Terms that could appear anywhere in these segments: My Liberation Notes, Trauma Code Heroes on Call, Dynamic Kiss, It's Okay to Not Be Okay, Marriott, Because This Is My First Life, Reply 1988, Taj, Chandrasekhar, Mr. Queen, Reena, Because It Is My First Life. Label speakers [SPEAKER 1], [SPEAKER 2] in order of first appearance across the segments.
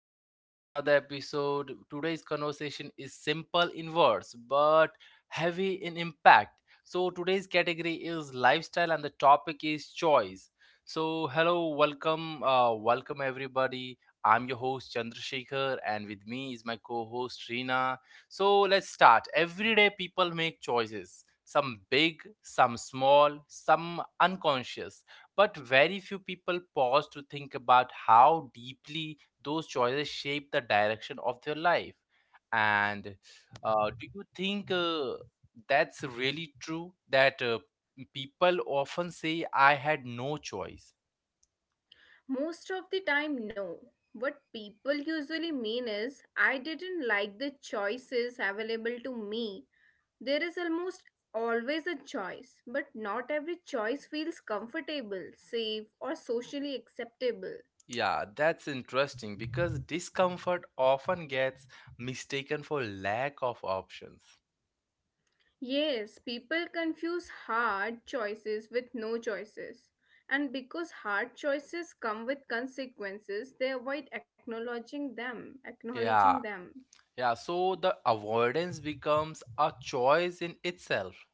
[SPEAKER 1] back to another episode. Today's conversation is simple in words but heavy in impact. So today's category is lifestyle and the topic is choice. So hello, welcome, welcome everybody. I'm your host Chandrasekhar, and with me is my co host Reena. So let's start. Every day, people make choices, some big, some small, some unconscious, but very few people pause to think about how deeply those choices shape the direction of their life. And do you think that's really true that people often say, I had no choice?
[SPEAKER 2] Most of the time, no. What people usually mean is, I didn't like the choices available to me. There is almost always a choice, but not every choice feels comfortable, safe, or socially acceptable.
[SPEAKER 1] Yeah, that's interesting because discomfort often gets mistaken for lack of options.
[SPEAKER 2] Yes, people confuse hard choices with no choices. And because hard choices come with consequences, they avoid acknowledging them, acknowledging
[SPEAKER 1] Yeah,
[SPEAKER 2] them.
[SPEAKER 1] yeah, so the avoidance becomes a choice in itself.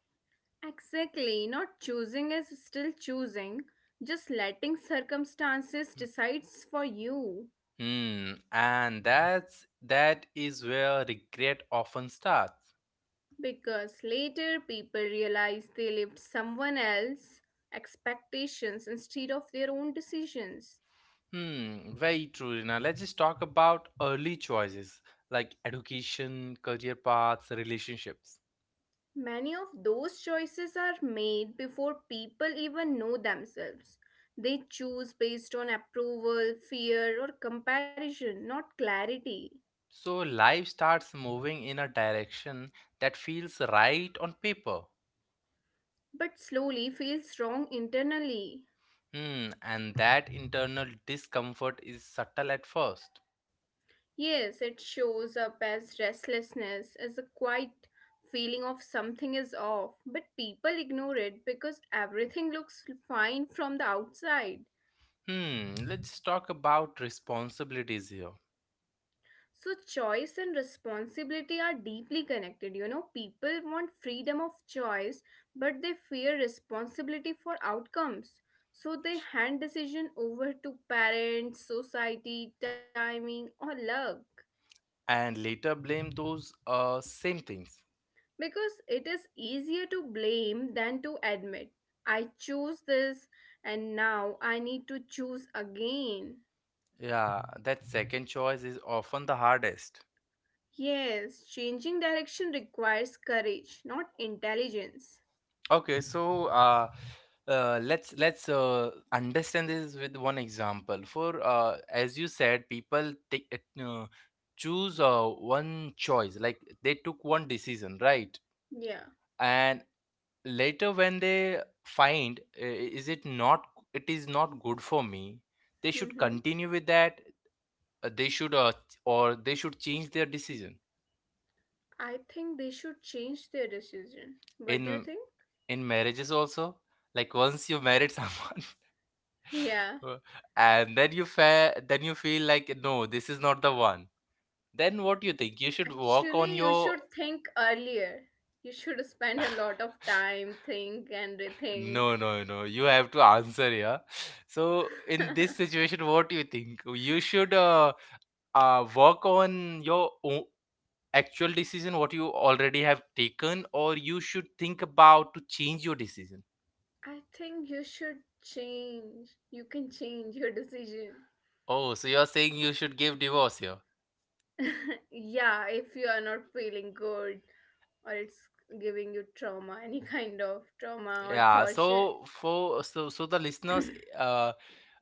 [SPEAKER 2] Exactly, not choosing is still choosing, just letting circumstances decides for you.
[SPEAKER 1] Hmm, and that is where regret often starts.
[SPEAKER 2] Because later people realize they lived someone else's expectations instead of their own decisions.
[SPEAKER 1] Hmm, very true, Rina. Let's just talk about early choices like education, career paths, relationships.
[SPEAKER 2] Many of those choices are made before people even know themselves. They choose based on approval, fear, or comparison, not clarity.
[SPEAKER 1] So life starts moving in a direction that feels right on paper.
[SPEAKER 2] But slowly feels wrong internally.
[SPEAKER 1] Hmm, and that internal discomfort is subtle at first.
[SPEAKER 2] Yes, it shows up as restlessness, as a quiet feeling of something is off, but people ignore it because everything looks fine from the outside.
[SPEAKER 1] Hmm, let's just talk about responsibilities here.
[SPEAKER 2] So, choice and responsibility are deeply connected. You know, people want freedom of choice, but they fear responsibility for outcomes. So, they
[SPEAKER 1] S-
[SPEAKER 2] hand decision over to parents, society, timing, or luck.
[SPEAKER 1] And later blame those same things.
[SPEAKER 2] Because it is easier to blame than to admit. I chose this and now I need to choose again.
[SPEAKER 1] Yeah, that second choice is often the hardest.
[SPEAKER 2] Yes, changing direction requires courage, not intelligence.
[SPEAKER 1] Okay, so let's understand this with one example. For as you said, people take it, no, choose one choice, like they took one decision, right?
[SPEAKER 2] Yeah.
[SPEAKER 1] And later when they find is it not it is not good for me, they should
[SPEAKER 2] Mm-hmm.
[SPEAKER 1] continue with that. They should or they should change their decision
[SPEAKER 2] I think they should change their decision. What do you
[SPEAKER 1] in
[SPEAKER 2] think?
[SPEAKER 1] in marriages also, like once you married someone
[SPEAKER 2] Yeah.
[SPEAKER 1] and then you then you feel like, no, this is not the one, then what do you think, you should walk on
[SPEAKER 2] Actually, you
[SPEAKER 1] your
[SPEAKER 2] should think earlier. You should spend a lot of time, think and rethink.
[SPEAKER 1] no, no, no, you have to answer. Yeah, so in this situation what do you think, you should work on your actual decision what you already have taken, or you should think about to change your decision?
[SPEAKER 2] I think you should change. You can change your decision.
[SPEAKER 1] Oh, so you're saying you should give divorce here.
[SPEAKER 2] Yeah, if you are not feeling good or it's giving you trauma, any kind of trauma or
[SPEAKER 1] Yeah,
[SPEAKER 2] torture.
[SPEAKER 1] so for the listeners, uh,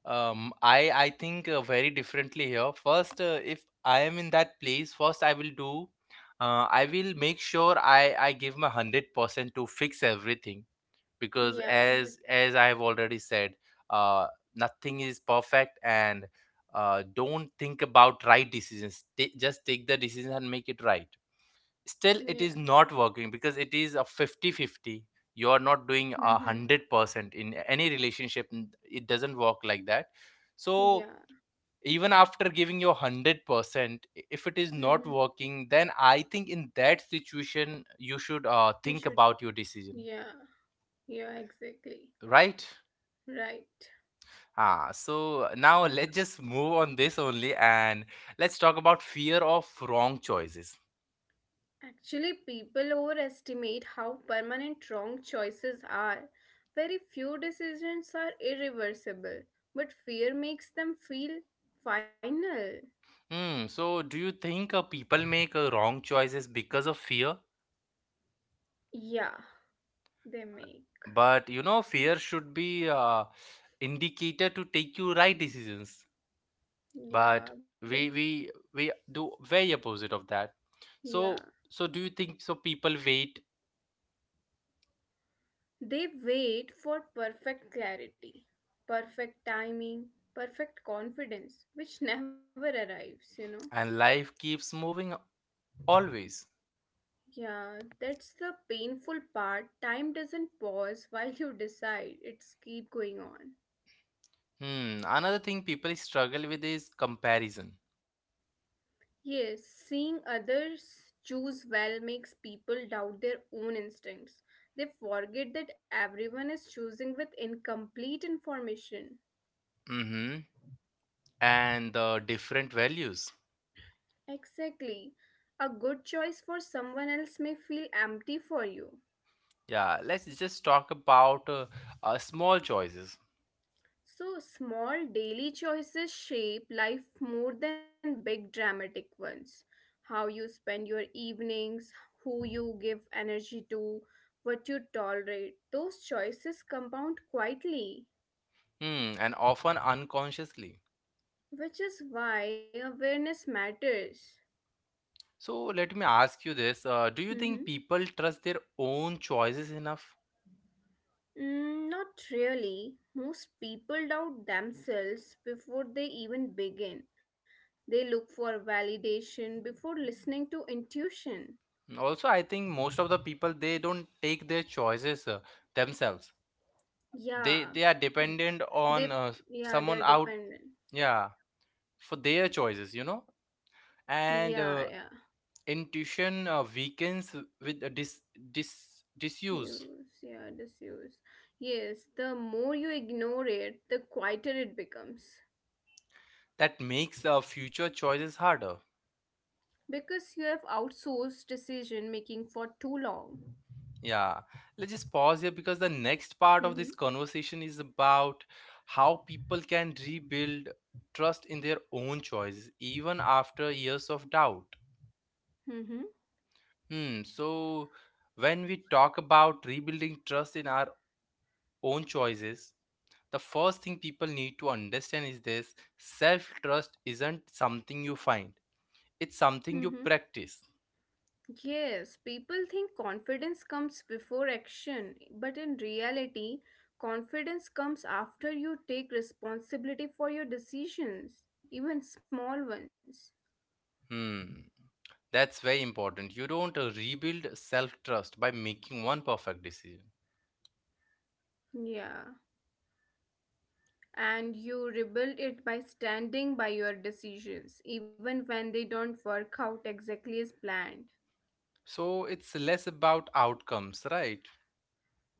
[SPEAKER 1] I think very differently here. First, if I am in that place, first I will do, I will make sure I give my 100% to fix everything because
[SPEAKER 2] Yeah,
[SPEAKER 1] as
[SPEAKER 2] but
[SPEAKER 1] as I have already said, uh, nothing is perfect and don't think about right decisions. Just take the decision and make it right. Still it
[SPEAKER 2] yeah.
[SPEAKER 1] is not working because it is a 50-50. You are not doing a
[SPEAKER 2] Mm-hmm.
[SPEAKER 1] hundred percent in any relationship. It doesn't work like that. So
[SPEAKER 2] Yeah.
[SPEAKER 1] even after giving your 100%, if it is
[SPEAKER 2] Mm-hmm.
[SPEAKER 1] not working, then I think in that situation you should
[SPEAKER 2] You should.
[SPEAKER 1] think about your decision,
[SPEAKER 2] Yeah. Yeah, exactly.
[SPEAKER 1] right?
[SPEAKER 2] Right.
[SPEAKER 1] Ah, so now let's just move on this only and let's talk about fear of wrong choices.
[SPEAKER 2] Actually, people overestimate how permanent wrong choices are. Very few decisions are irreversible, but fear makes them feel final.
[SPEAKER 1] Hmm, so do you think people make wrong choices because of fear?
[SPEAKER 2] Yeah, they make.
[SPEAKER 1] But you know, fear should be indicator to take you right decisions.
[SPEAKER 2] Yeah,
[SPEAKER 1] But
[SPEAKER 2] but
[SPEAKER 1] we do very opposite of that. So
[SPEAKER 2] yeah.
[SPEAKER 1] so do you think so? People wait,
[SPEAKER 2] They wait for perfect clarity, perfect timing, perfect confidence, which never arrives, you know.
[SPEAKER 1] and life keeps moving always.
[SPEAKER 2] Yeah, that's the painful part. Time doesn't pause while you decide, it's keep going on.
[SPEAKER 1] Hmm. Another thing people struggle with is comparison.
[SPEAKER 2] Yes, seeing others choose well makes people doubt their own instincts. They forget that everyone is choosing with incomplete information.
[SPEAKER 1] Mm-hmm. And the different values.
[SPEAKER 2] Exactly. A good choice for someone else may feel empty for you.
[SPEAKER 1] Yeah. Let's just talk about small choices.
[SPEAKER 2] So, small daily choices shape life more than big dramatic ones. How you spend your evenings, who you give energy to, what you tolerate, those choices compound quietly.
[SPEAKER 1] Hmm. And often unconsciously.
[SPEAKER 2] Which is why awareness matters.
[SPEAKER 1] So let me ask you this. Do you think
[SPEAKER 2] Mhm.
[SPEAKER 1] people trust their own choices enough?
[SPEAKER 2] Not really. Most people doubt themselves before they even begin. They look for validation before listening to intuition.
[SPEAKER 1] Also, I think most of the people, they don't take their choices themselves. They are
[SPEAKER 2] Yeah,
[SPEAKER 1] dependent on
[SPEAKER 2] they
[SPEAKER 1] someone
[SPEAKER 2] yeah
[SPEAKER 1] out,
[SPEAKER 2] they're dependent.
[SPEAKER 1] yeah, for their choices, you know. And
[SPEAKER 2] Yeah, yeah.
[SPEAKER 1] intuition weakens with dis disuse.
[SPEAKER 2] Use yeah disuse. Yes, the more you ignore it, the quieter it becomes
[SPEAKER 1] That makes future choices harder.
[SPEAKER 2] because you have outsourced decision making for too long.
[SPEAKER 1] Yeah, let's just pause here because the next part of this
[SPEAKER 2] Mm-hmm.
[SPEAKER 1] conversation is about how people can rebuild trust in their own choices even after years of doubt.
[SPEAKER 2] Mm-hmm.
[SPEAKER 1] Hmm, so when we talk about rebuilding trust in our own choices, the first thing people need to understand is this: self trust isn't something you find, it's
[SPEAKER 2] Mm-hmm.
[SPEAKER 1] something you practice.
[SPEAKER 2] Yes, people think confidence comes before action, but in reality, confidence comes after you take responsibility for your decisions, even small ones.
[SPEAKER 1] Hmm. That's very important. You don't rebuild self trust by making one perfect decision.
[SPEAKER 2] Yeah. And you rebuild it by standing by your decisions, even when they don't work out exactly as planned.
[SPEAKER 1] So it's less about outcomes, right?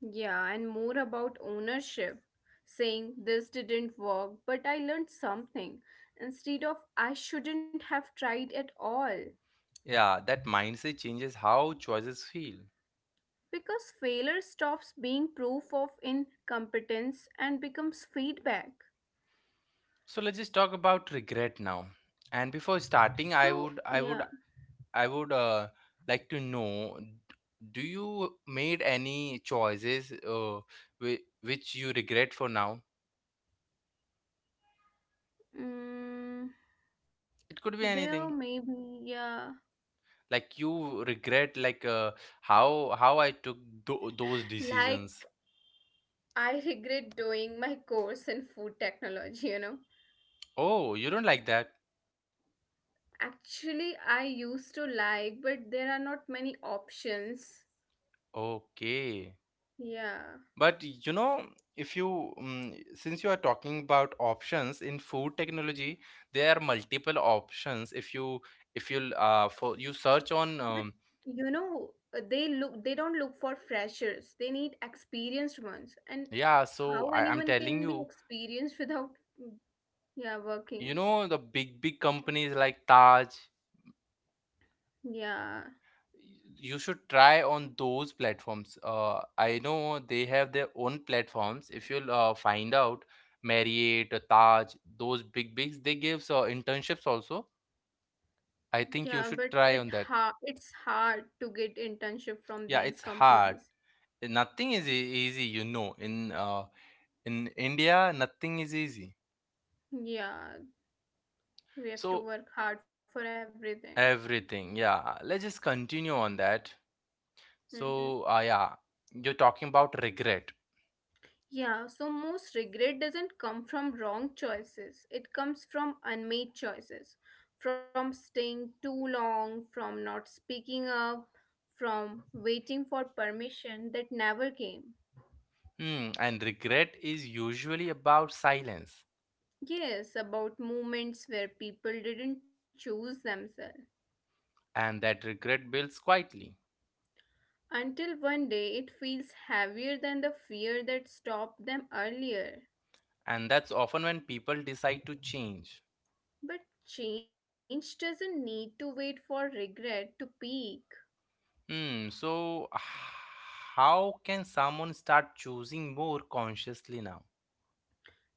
[SPEAKER 2] Yeah, and more about ownership, saying this didn't work, but I learned something, instead of I shouldn't have tried at all.
[SPEAKER 1] Yeah, that mindset changes how choices feel.
[SPEAKER 2] Because failure stops being proof of incompetence and becomes feedback.
[SPEAKER 1] So let's just talk about regret now. And before starting,
[SPEAKER 2] So,
[SPEAKER 1] I would,
[SPEAKER 2] yeah,
[SPEAKER 1] I would, I would uh, like to know, do you made any choices which you regret for now?
[SPEAKER 2] mm,
[SPEAKER 1] It could be
[SPEAKER 2] there
[SPEAKER 1] anything.
[SPEAKER 2] maybe yeah,
[SPEAKER 1] Like you regret, like, uh, how I took those
[SPEAKER 2] like
[SPEAKER 1] decisions.
[SPEAKER 2] I regret doing my course in food technology, you know.
[SPEAKER 1] Oh, you don't like that.
[SPEAKER 2] Actually, I used to like, but there are not many options.
[SPEAKER 1] Okay.
[SPEAKER 2] Yeah.
[SPEAKER 1] But you know, if you since you are talking about options in food technology, there are multiple options. If you for you search on
[SPEAKER 2] But you know, they don't look for freshers. They need experienced ones. And
[SPEAKER 1] yeah, so I,
[SPEAKER 2] how
[SPEAKER 1] I'm
[SPEAKER 2] anyone
[SPEAKER 1] telling
[SPEAKER 2] can
[SPEAKER 1] you,
[SPEAKER 2] be experienced without mm, yeah,
[SPEAKER 1] you
[SPEAKER 2] working.
[SPEAKER 1] know, the big companies like Taj,
[SPEAKER 2] Yeah.
[SPEAKER 1] you should try on those platforms. I know they have their own platforms. If you'll find out Marriott, Taj, those big bigs, they give internships also. I
[SPEAKER 2] Yeah,
[SPEAKER 1] think you
[SPEAKER 2] but
[SPEAKER 1] should
[SPEAKER 2] it
[SPEAKER 1] try on that.
[SPEAKER 2] hard it's hard to get internship from
[SPEAKER 1] Yeah,
[SPEAKER 2] these
[SPEAKER 1] it's hard.
[SPEAKER 2] companies.
[SPEAKER 1] Nothing is easy, you know. In India, nothing is easy.
[SPEAKER 2] Yeah, we have
[SPEAKER 1] So
[SPEAKER 2] to work hard for everything.
[SPEAKER 1] everything, yeah. Let's just continue on that.
[SPEAKER 2] hmm
[SPEAKER 1] So yeah, you're talking about regret.
[SPEAKER 2] Yeah, so most regret doesn't come from wrong choices. It comes from unmade choices, from staying too long, from not speaking up, from waiting for permission that never came.
[SPEAKER 1] Hmm, and regret is usually about silence,
[SPEAKER 2] Yes, about moments where people didn't choose themselves.
[SPEAKER 1] and that regret builds quietly,
[SPEAKER 2] Until one day it feels heavier than the fear that stopped them earlier.
[SPEAKER 1] and that's often when people decide to change.
[SPEAKER 2] But change doesn't need to wait for regret to peak.
[SPEAKER 1] Hmm. So how can someone start choosing more consciously now?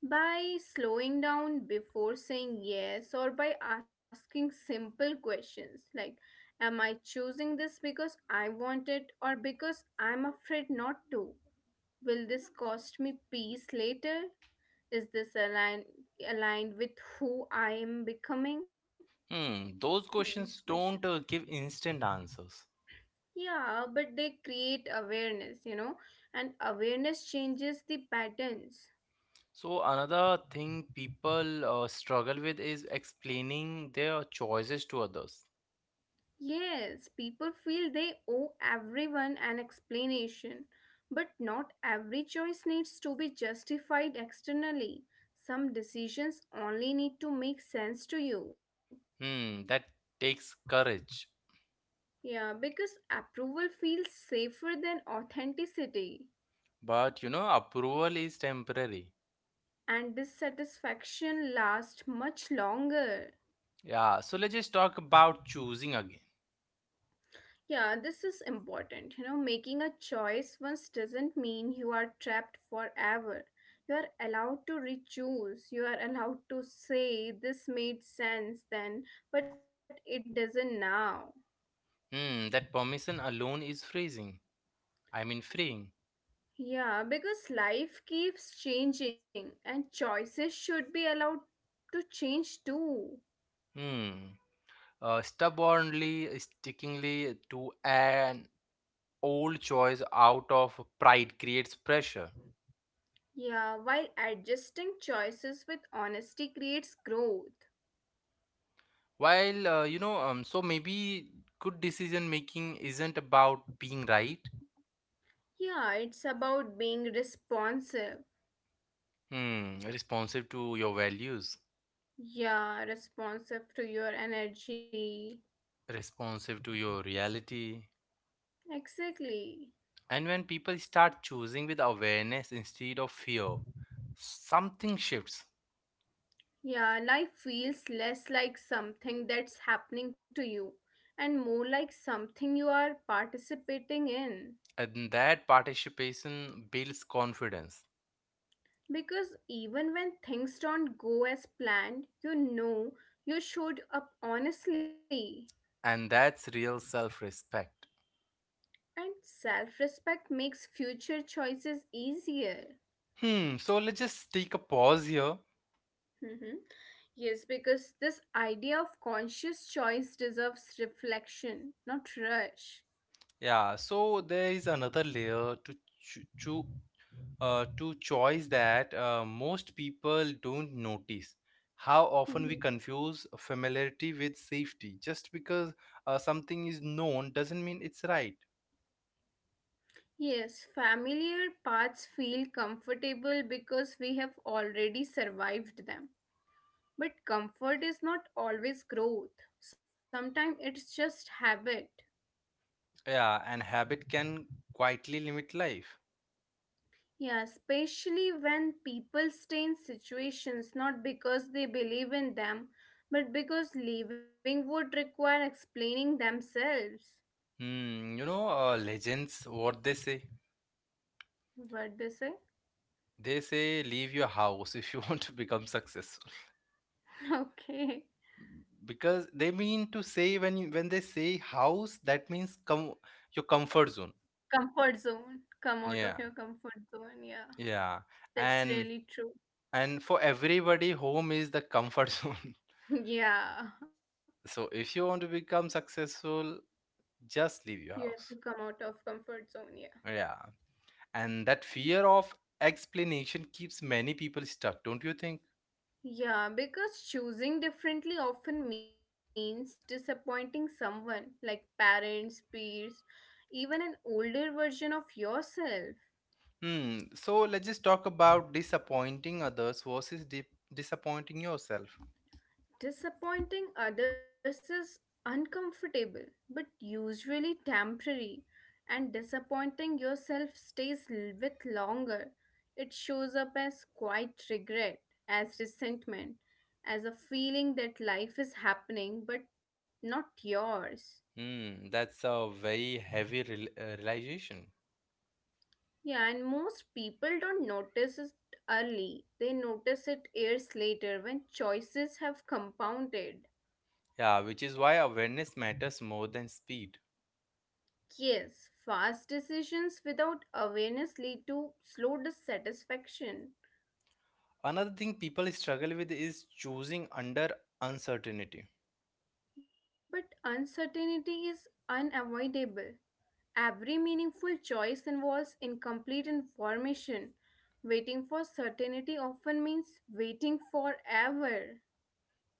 [SPEAKER 2] By slowing down before saying yes or by asking simple questions like, am I choosing this because I want it or because I'm afraid not to? Will this cost me peace later? Is this aligned with who I am becoming?
[SPEAKER 1] Hmm, those
[SPEAKER 2] These
[SPEAKER 1] questions
[SPEAKER 2] questions.
[SPEAKER 1] don't give instant answers.
[SPEAKER 2] Yeah, but they create awareness, you know, and awareness changes the patterns.
[SPEAKER 1] So, another thing people struggle with is explaining their choices to others.
[SPEAKER 2] Yes, people feel they owe everyone an explanation, but not every choice needs to be justified externally. Some decisions only need to make sense to you.
[SPEAKER 1] Hmm, that takes courage.
[SPEAKER 2] Yeah, because approval feels safer than authenticity,
[SPEAKER 1] But you know, approval is temporary.
[SPEAKER 2] and dissatisfaction lasts much longer.
[SPEAKER 1] Yeah, so let's just talk about choosing again.
[SPEAKER 2] Yeah, this is important. You know, making a choice once doesn't mean you are trapped forever. You are allowed to re-choose. You are allowed to say this made sense then, but it doesn't now.
[SPEAKER 1] Hmm, that permission alone is freezing. I mean, freeing.
[SPEAKER 2] Yeah, because life keeps changing and choices should be allowed to change too.
[SPEAKER 1] Hmm, stubbornly, stickingly to an old choice out of pride creates pressure.
[SPEAKER 2] Yeah, while adjusting choices with honesty creates growth.
[SPEAKER 1] While, so maybe good decision making isn't about being right.
[SPEAKER 2] Yeah, it's about being responsive.
[SPEAKER 1] Hmm, responsive to your values,
[SPEAKER 2] Yeah, responsive to your energy.
[SPEAKER 1] responsive to your reality.
[SPEAKER 2] Exactly.
[SPEAKER 1] And when people start choosing with awareness instead of fear, something shifts.
[SPEAKER 2] Yeah, life feels less like something that's happening to you and more like something you are participating in.
[SPEAKER 1] And that participation builds confidence.
[SPEAKER 2] Because even when things don't go as planned, you know you showed up honestly.
[SPEAKER 1] And that's real self respect.
[SPEAKER 2] And self respect makes future choices easier.
[SPEAKER 1] Hmm, so let's just take a pause here.
[SPEAKER 2] Yes, because this idea of conscious choice deserves reflection, not rush.
[SPEAKER 1] Yeah, so there is another layer to choo- to choice that most people don't notice. How often we
[SPEAKER 2] Mhm.
[SPEAKER 1] confuse familiarity with safety. Just because something is known doesn't mean it's right.
[SPEAKER 2] Yes, familiar paths feel comfortable because we have already survived them. But comfort is not always growth, sometimes it's just habit.
[SPEAKER 1] Yeah, and habit can quietly limit life.
[SPEAKER 2] Yeah, especially when people stay in situations not because they believe in them, but because leaving would require explaining themselves.
[SPEAKER 1] Hmm, you know, legends, what they say?
[SPEAKER 2] What they say?
[SPEAKER 1] They say leave your house if you want to become successful.
[SPEAKER 2] Okay.
[SPEAKER 1] Because they mean to say, when you, when they say house, that means your comfort zone.
[SPEAKER 2] Comfort zone. Come out of
[SPEAKER 1] Yeah,
[SPEAKER 2] your comfort zone. Yeah.
[SPEAKER 1] yeah.
[SPEAKER 2] That's
[SPEAKER 1] And
[SPEAKER 2] really true.
[SPEAKER 1] and for everybody home is the comfort zone,
[SPEAKER 2] Yeah.
[SPEAKER 1] so if you want to become successful, just
[SPEAKER 2] You
[SPEAKER 1] leave
[SPEAKER 2] have to
[SPEAKER 1] your
[SPEAKER 2] come
[SPEAKER 1] house.
[SPEAKER 2] out of comfort zone. Yeah.
[SPEAKER 1] Yeah, and that fear of explanation keeps many people stuck, don't you think?
[SPEAKER 2] Yeah, because choosing differently often means disappointing someone, like parents, peers, even an older version of yourself.
[SPEAKER 1] Hmm, so let's just talk about disappointing others versus disappointing yourself.
[SPEAKER 2] Disappointing others is uncomfortable, but usually temporary, and disappointing yourself stays with longer. It shows up as quite regret, as resentment, as a feeling that life is happening but not yours.
[SPEAKER 1] Hmm, that's a very heavy realization.
[SPEAKER 2] Yeah, and most people don't notice it early. They notice it years later when choices have compounded.
[SPEAKER 1] Yeah, which is why awareness matters more than speed.
[SPEAKER 2] Yes, fast decisions without awareness lead to slow dissatisfaction.
[SPEAKER 1] Another thing people struggle with is choosing under uncertainty.
[SPEAKER 2] But uncertainty is unavoidable. Every meaningful choice involves incomplete information. Waiting for certainty often means waiting forever.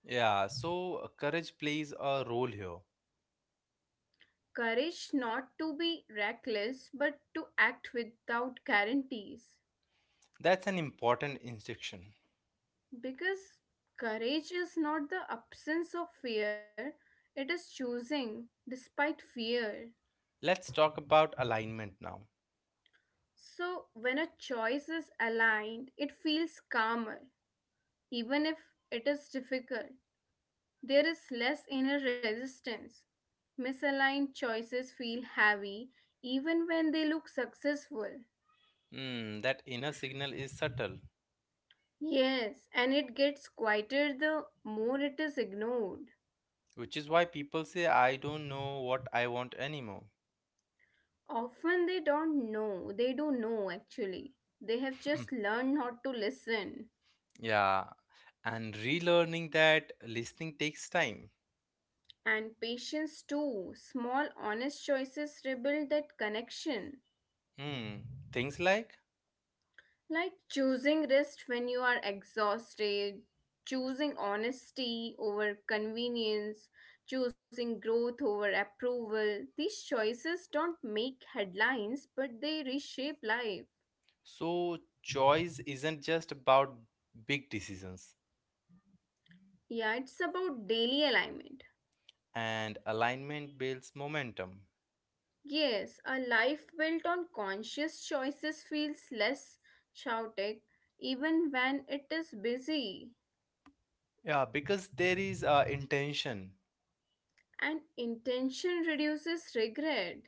[SPEAKER 1] Yeah, so courage plays a role here.
[SPEAKER 2] Courage not to be reckless but to act without guarantees.
[SPEAKER 1] That's an important instruction.
[SPEAKER 2] Because courage is not the absence of fear, it is choosing despite fear.
[SPEAKER 1] Let's talk about alignment now.
[SPEAKER 2] So, when a choice is aligned, it feels calmer, even if it is difficult. There is less inner resistance. Misaligned choices feel heavy, even when they look successful.
[SPEAKER 1] Hmm, that inner signal is subtle,
[SPEAKER 2] Yes, and it gets quieter the more it is ignored.
[SPEAKER 1] which is why people say, I don't know what I want anymore.
[SPEAKER 2] Often they don't know. They do know actually. They have just learned not to listen.
[SPEAKER 1] Yeah, and relearning that listening takes time.
[SPEAKER 2] And patience too. Small, honest choices rebuild that connection.
[SPEAKER 1] Hmm, things like,
[SPEAKER 2] Like choosing rest when you are exhausted, choosing honesty over convenience, choosing growth over approval. These choices don't make headlines, but they reshape life.
[SPEAKER 1] so, choice isn't just about big decisions,
[SPEAKER 2] Yeah, it's about daily alignment.
[SPEAKER 1] and alignment builds momentum.
[SPEAKER 2] Yes, a life built on conscious choices feels less chaotic even when it is busy,
[SPEAKER 1] Yeah, because there is intention.
[SPEAKER 2] and intention reduces regret.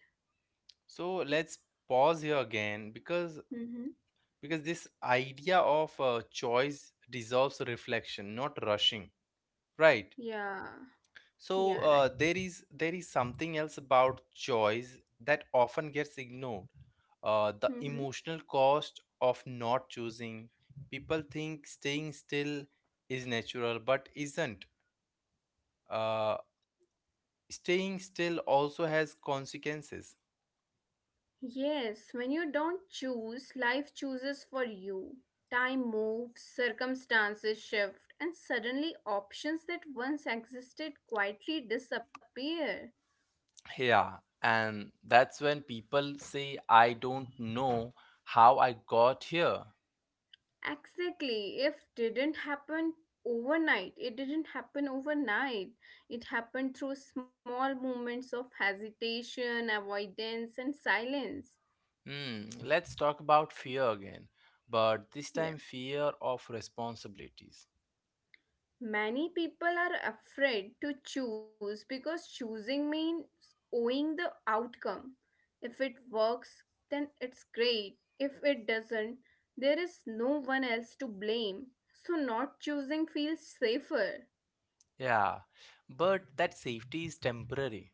[SPEAKER 1] So let's pause here again
[SPEAKER 2] Mm-hmm.
[SPEAKER 1] because this idea of choice deserves reflection, not rushing, right?
[SPEAKER 2] Yeah,
[SPEAKER 1] So
[SPEAKER 2] yeah,
[SPEAKER 1] uh,
[SPEAKER 2] right.
[SPEAKER 1] there is there is something else about choice that often gets ignored. The
[SPEAKER 2] Mm-hmm.
[SPEAKER 1] emotional cost of not choosing. People think staying still is natural, but isn't. Uh, Staying still also has consequences.
[SPEAKER 2] Yes, when you don't choose, life chooses for you. Time moves, circumstances shift, and suddenly options that once existed quietly disappear.
[SPEAKER 1] Yeah, and that's when people say, I don't know how I got here.
[SPEAKER 2] Exactly. If didn't happen overnight, it didn't happen overnight. It happened through small moments of hesitation, avoidance, and silence.
[SPEAKER 1] Hmm, let's talk about fear again, but this time
[SPEAKER 2] Yeah.
[SPEAKER 1] fear of responsibilities.
[SPEAKER 2] Many people are afraid to choose because choosing means owing the outcome. If it works, then it's great. If it doesn't, there is no one else to blame. So, not choosing feels safer.
[SPEAKER 1] Yeah, but that safety is temporary.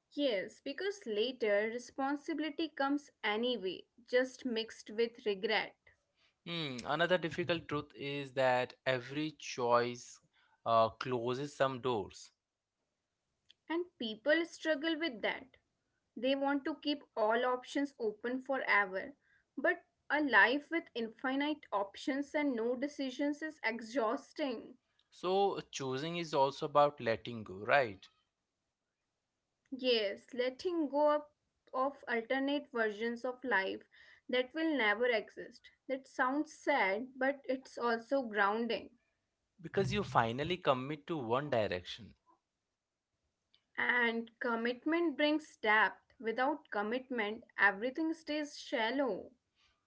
[SPEAKER 2] Yes, because later responsibility comes anyway, just mixed with regret.
[SPEAKER 1] Hmm, another difficult truth is that every choice closes some doors.
[SPEAKER 2] And people struggle with that. They want to keep all options open forever. But a life with infinite options and no decisions is exhausting.
[SPEAKER 1] So choosing is also about letting go, right?
[SPEAKER 2] Yes, letting go up of alternate versions of life that will never exist. That sounds sad, but it's also grounding.
[SPEAKER 1] Because you finally commit to one direction.
[SPEAKER 2] And commitment brings depth. Without commitment, everything stays shallow.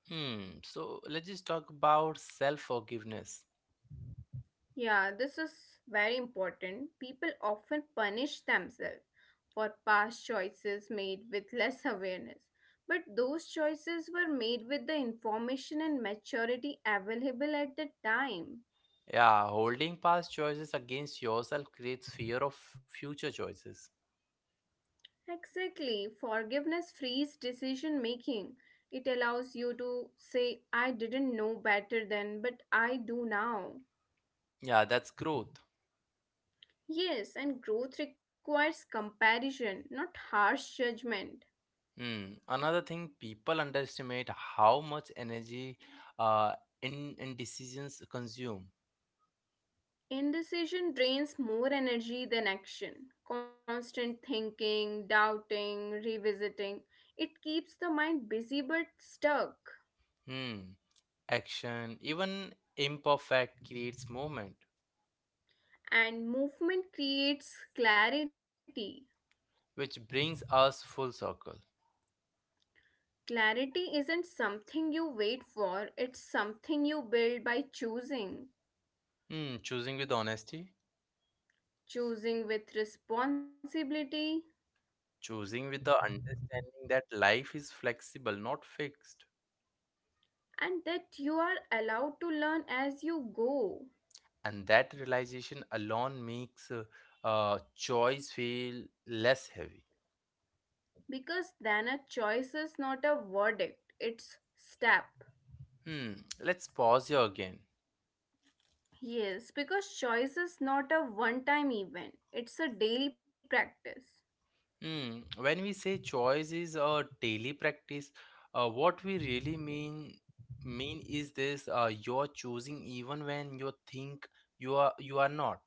[SPEAKER 1] Hmm. So let's just talk about self forgiveness.
[SPEAKER 2] Yeah, this is very important. People often punish themselves for past choices made with less awareness. But those choices were made with the information and maturity available at the time.
[SPEAKER 1] Yeah, holding past choices against yourself creates fear of future choices.
[SPEAKER 2] Exactly. Forgiveness frees decision making. It allows you to say, I didn't know better then, but I do now.
[SPEAKER 1] Yeah, that's growth.
[SPEAKER 2] Yes, and growth requires comparison, not harsh judgment.
[SPEAKER 1] Hmm. Another thing, people underestimate how much energy uh, in indecisions consume.
[SPEAKER 2] Indecision drains more energy than action. Constant thinking, doubting, revisiting, it keeps the mind busy but stuck.
[SPEAKER 1] Hmm. Action, even imperfect, creates movement,
[SPEAKER 2] And movement creates clarity.
[SPEAKER 1] which brings us full circle.
[SPEAKER 2] Clarity isn't something you wait for, it's something you build by choosing.
[SPEAKER 1] Hmm. Choosing with honesty,
[SPEAKER 2] Choosing with responsibility,
[SPEAKER 1] choosing with the understanding that life is flexible, not fixed.
[SPEAKER 2] and that you are allowed to learn as you go.
[SPEAKER 1] And that realization alone makes choice feel less heavy.
[SPEAKER 2] Because then a choice is not a verdict, it's step.
[SPEAKER 1] Hmm, let's pause here again.
[SPEAKER 2] Yes, because choice is not a one time event, it's a daily practice.
[SPEAKER 1] Hmm, when we say choice is a daily practice, what we really mean is this: you're choosing even when you think you are not.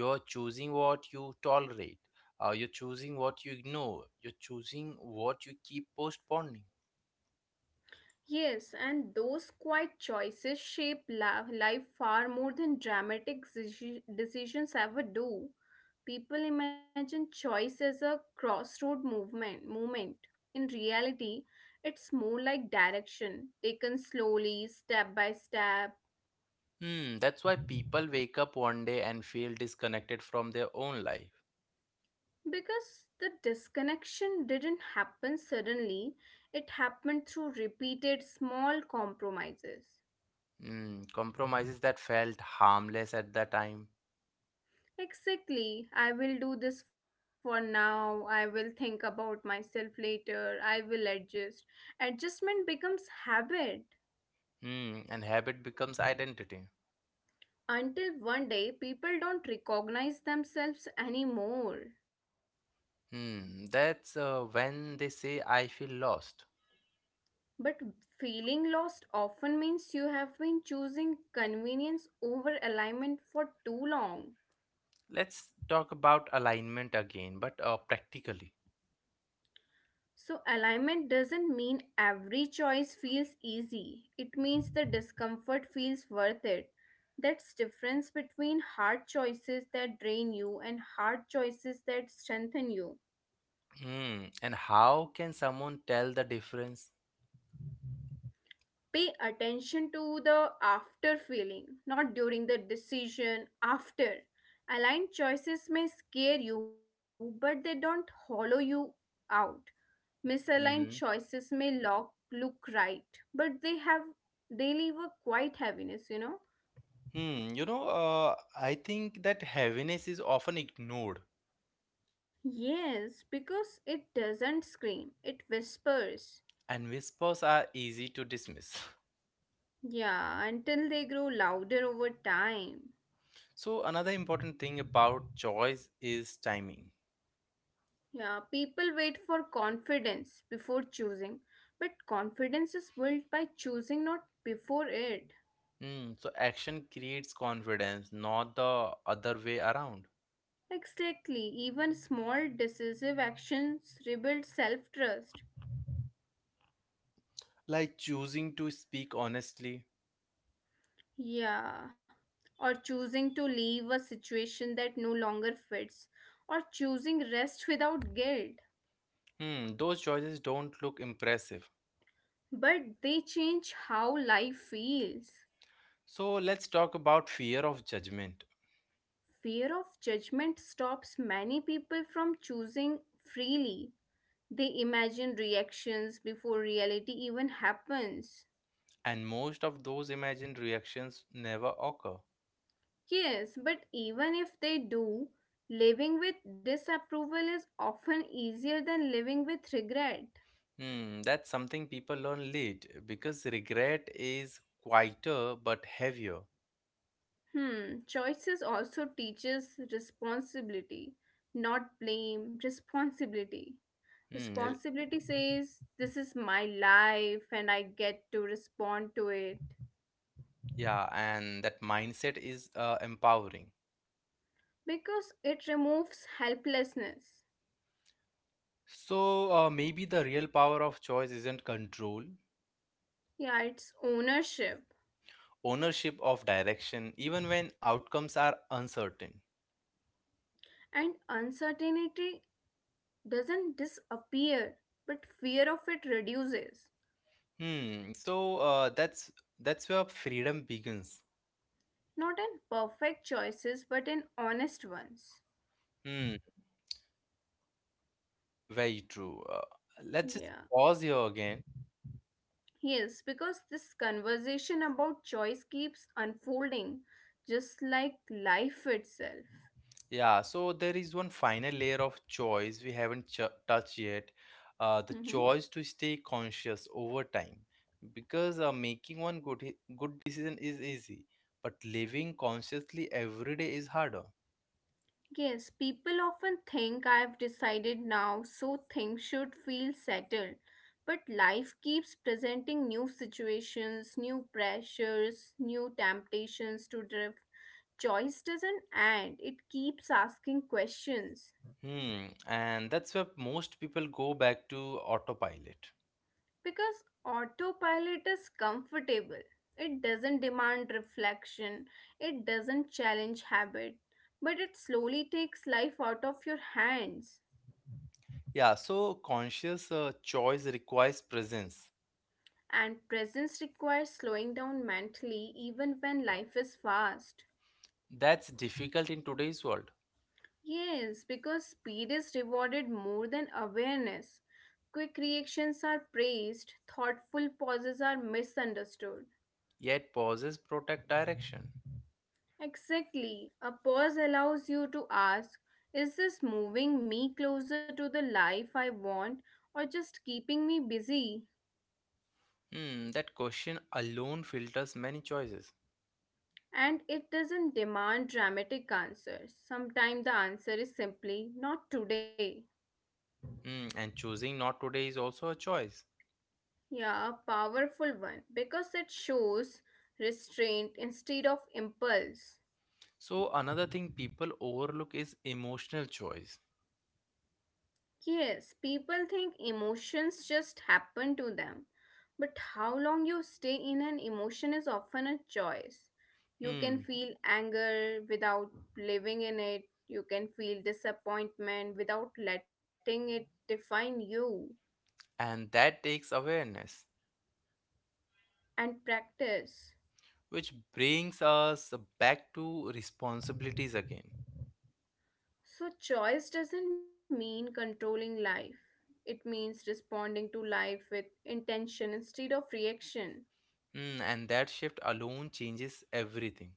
[SPEAKER 1] You're choosing what you tolerate. You're choosing what you ignore. You're choosing what you keep postponing.
[SPEAKER 2] Yes, and those quiet choices shape life far more than dramatic decisions ever do. People imagine choice as a crossroad movement moment. In reality, it's more like direction, taken slowly, step by step.
[SPEAKER 1] Hmm, that's why people wake up one day and feel disconnected from their own life.
[SPEAKER 2] Because the disconnection didn't happen suddenly, it happened through repeated small compromises.
[SPEAKER 1] Hmm, compromises that felt harmless at the time.
[SPEAKER 2] Exactly, I will do this for now, I will think about myself later, I will adjust. Adjustment becomes habit
[SPEAKER 1] Hmm, and habit becomes identity.
[SPEAKER 2] until one day people don't recognize themselves anymore.
[SPEAKER 1] Hmm, that's when they say I feel lost.
[SPEAKER 2] But feeling lost often means you have been choosing convenience over alignment for too long.
[SPEAKER 1] Let's talk about alignment again, but practically.
[SPEAKER 2] So, alignment doesn't mean every choice feels easy. It means the discomfort feels worth it. That's difference between hard choices that drain you and hard choices that strengthen you.
[SPEAKER 1] Hmm, and how can someone tell the difference?
[SPEAKER 2] Pay attention to the after feeling, not during the decision, after. Aligned choices may scare you, but they don't hollow you out. Misaligned
[SPEAKER 1] Hmm.
[SPEAKER 2] choices may look right, but they leave a quiet heaviness, you know?
[SPEAKER 1] Hmm, you know, I think that heaviness is often ignored,
[SPEAKER 2] Yes, because it doesn't scream, it whispers.
[SPEAKER 1] and whispers are easy to dismiss.
[SPEAKER 2] Yeah, until they grow louder over time.
[SPEAKER 1] So another important thing about choice is timing.
[SPEAKER 2] Yeah, people wait for confidence before choosing, but confidence is built by choosing, not before it.
[SPEAKER 1] Hmm, so action creates confidence, not the other way around.
[SPEAKER 2] Exactly, even small decisive actions rebuild self trust.
[SPEAKER 1] Like choosing to speak honestly.
[SPEAKER 2] Yeah. Or choosing to leave a situation that no longer fits. Or choosing rest without guilt.
[SPEAKER 1] Hmm, those choices don't look impressive.
[SPEAKER 2] But they change how life feels.
[SPEAKER 1] So let's talk about fear of judgment.
[SPEAKER 2] Fear of judgment stops many people from choosing freely. They imagine reactions before reality even happens.
[SPEAKER 1] And most of those imagined reactions never occur.
[SPEAKER 2] Yes, but even if they do, living with disapproval is often easier than living with regret.
[SPEAKER 1] Hmm, that's something people learn late because regret is quieter but heavier.
[SPEAKER 2] Hmm, choices also teaches responsibility, not blame, responsibility.
[SPEAKER 1] Hmm,
[SPEAKER 2] Responsibility says this is my life and I get to respond to it
[SPEAKER 1] yeah, and that mindset is empowering.
[SPEAKER 2] because it removes helplessness.
[SPEAKER 1] So maybe the real power of choice isn't control,
[SPEAKER 2] Yeah, it's ownership.
[SPEAKER 1] ownership of direction, even when outcomes are uncertain.
[SPEAKER 2] And uncertainty doesn't disappear, but fear of it reduces.
[SPEAKER 1] Hmm. So that's where freedom begins.
[SPEAKER 2] Not in perfect choices, but in honest ones.
[SPEAKER 1] Hmm. Very true. Let's just
[SPEAKER 2] Yeah.
[SPEAKER 1] pause here again.
[SPEAKER 2] Yes, because this conversation about choice keeps unfolding, just like life itself.
[SPEAKER 1] Yeah. So there is one final layer of choice we haven't touched yet. The
[SPEAKER 2] Mhm.
[SPEAKER 1] choice to stay conscious over time, because making one good decision is easy, but living consciously every day is harder.
[SPEAKER 2] Yes, people often think I've decided now, so things should feel settled. But life keeps presenting new situations, new pressures, new temptations to drift. Choice doesn't end, it keeps asking questions.
[SPEAKER 1] Hmm, and that's where most people go back to autopilot.
[SPEAKER 2] Because autopilot is comfortable. It doesn't demand reflection, it doesn't challenge habit, but it slowly takes life out of your hands.
[SPEAKER 1] Yeah, so conscious choice requires presence.
[SPEAKER 2] And presence requires slowing down mentally even when life is fast.
[SPEAKER 1] That's difficult in today's world,
[SPEAKER 2] Yes, because speed is rewarded more than awareness. Quick reactions are praised, thoughtful pauses are misunderstood.
[SPEAKER 1] yet pauses protect direction.
[SPEAKER 2] Exactly. A pause allows you to ask, is this moving me closer to the life I want or just keeping me busy?
[SPEAKER 1] Hmm, that question alone filters many choices.
[SPEAKER 2] And it doesn't demand dramatic answers. Sometimes the answer is simply not today.
[SPEAKER 1] Hmm, and choosing not today is also a choice.
[SPEAKER 2] Yeah, a powerful one because it shows restraint instead of impulse.
[SPEAKER 1] So, another thing people overlook is emotional choice.
[SPEAKER 2] Yes, people think emotions just happen to them. But how long you stay in an emotion is often a choice. You can
[SPEAKER 1] Hmm,
[SPEAKER 2] feel anger without living in it, you can feel disappointment without letting it define you,
[SPEAKER 1] and that takes awareness,
[SPEAKER 2] and practice.
[SPEAKER 1] which brings us back to responsibilities again.
[SPEAKER 2] So, choice doesn't mean controlling life, it means responding to life with intention instead of reaction.
[SPEAKER 1] Mm, and that shift alone changes everything.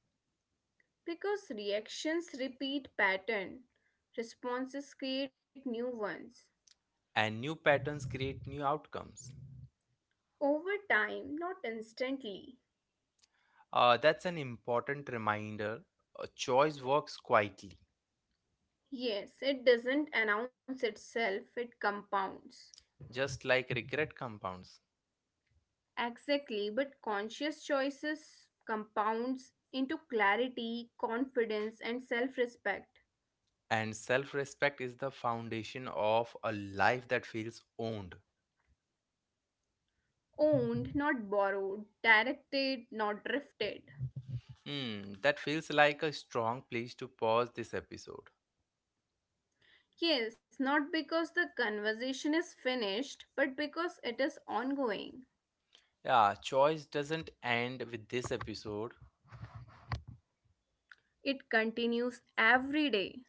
[SPEAKER 2] Because reactions repeat pattern, responses create new ones.
[SPEAKER 1] And new patterns create new outcomes.
[SPEAKER 2] Over time, not instantly.
[SPEAKER 1] That's an important reminder. A choice works quietly,
[SPEAKER 2] Yes, it doesn't announce itself, it compounds.
[SPEAKER 1] just like regret compounds.
[SPEAKER 2] Exactly, but conscious choices compounds into clarity, confidence, and self respect.
[SPEAKER 1] And self respect is the foundation of a life that feels owned.
[SPEAKER 2] Owned, not borrowed, directed, not drifted.
[SPEAKER 1] Hmm, that feels like a strong place to pause this episode.
[SPEAKER 2] Yes, not because the conversation is finished, but because it is ongoing.
[SPEAKER 1] Yeah, choice doesn't end with this episode.
[SPEAKER 2] It continues every day.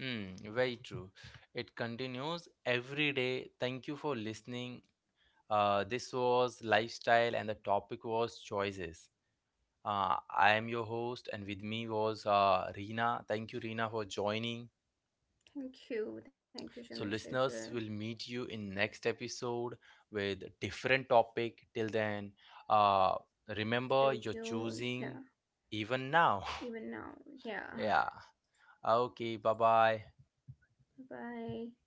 [SPEAKER 1] Hmm, very true. It continues every day. Thank you for listening. This was lifestyle, and the topic was choices. I am your host, and with me was Reena. Thank you, Reena, for joining.
[SPEAKER 2] Thank you. Thank you,
[SPEAKER 1] So, listeners,
[SPEAKER 2] Chandrasekhar.
[SPEAKER 1] will meet you in next episode with different topic. Till then, uh, remember
[SPEAKER 2] Stay
[SPEAKER 1] you're
[SPEAKER 2] tuned.
[SPEAKER 1] choosing
[SPEAKER 2] Yeah.
[SPEAKER 1] even now.
[SPEAKER 2] Even now. Yeah.
[SPEAKER 1] Yeah. Okay. Bye bye.
[SPEAKER 2] Bye.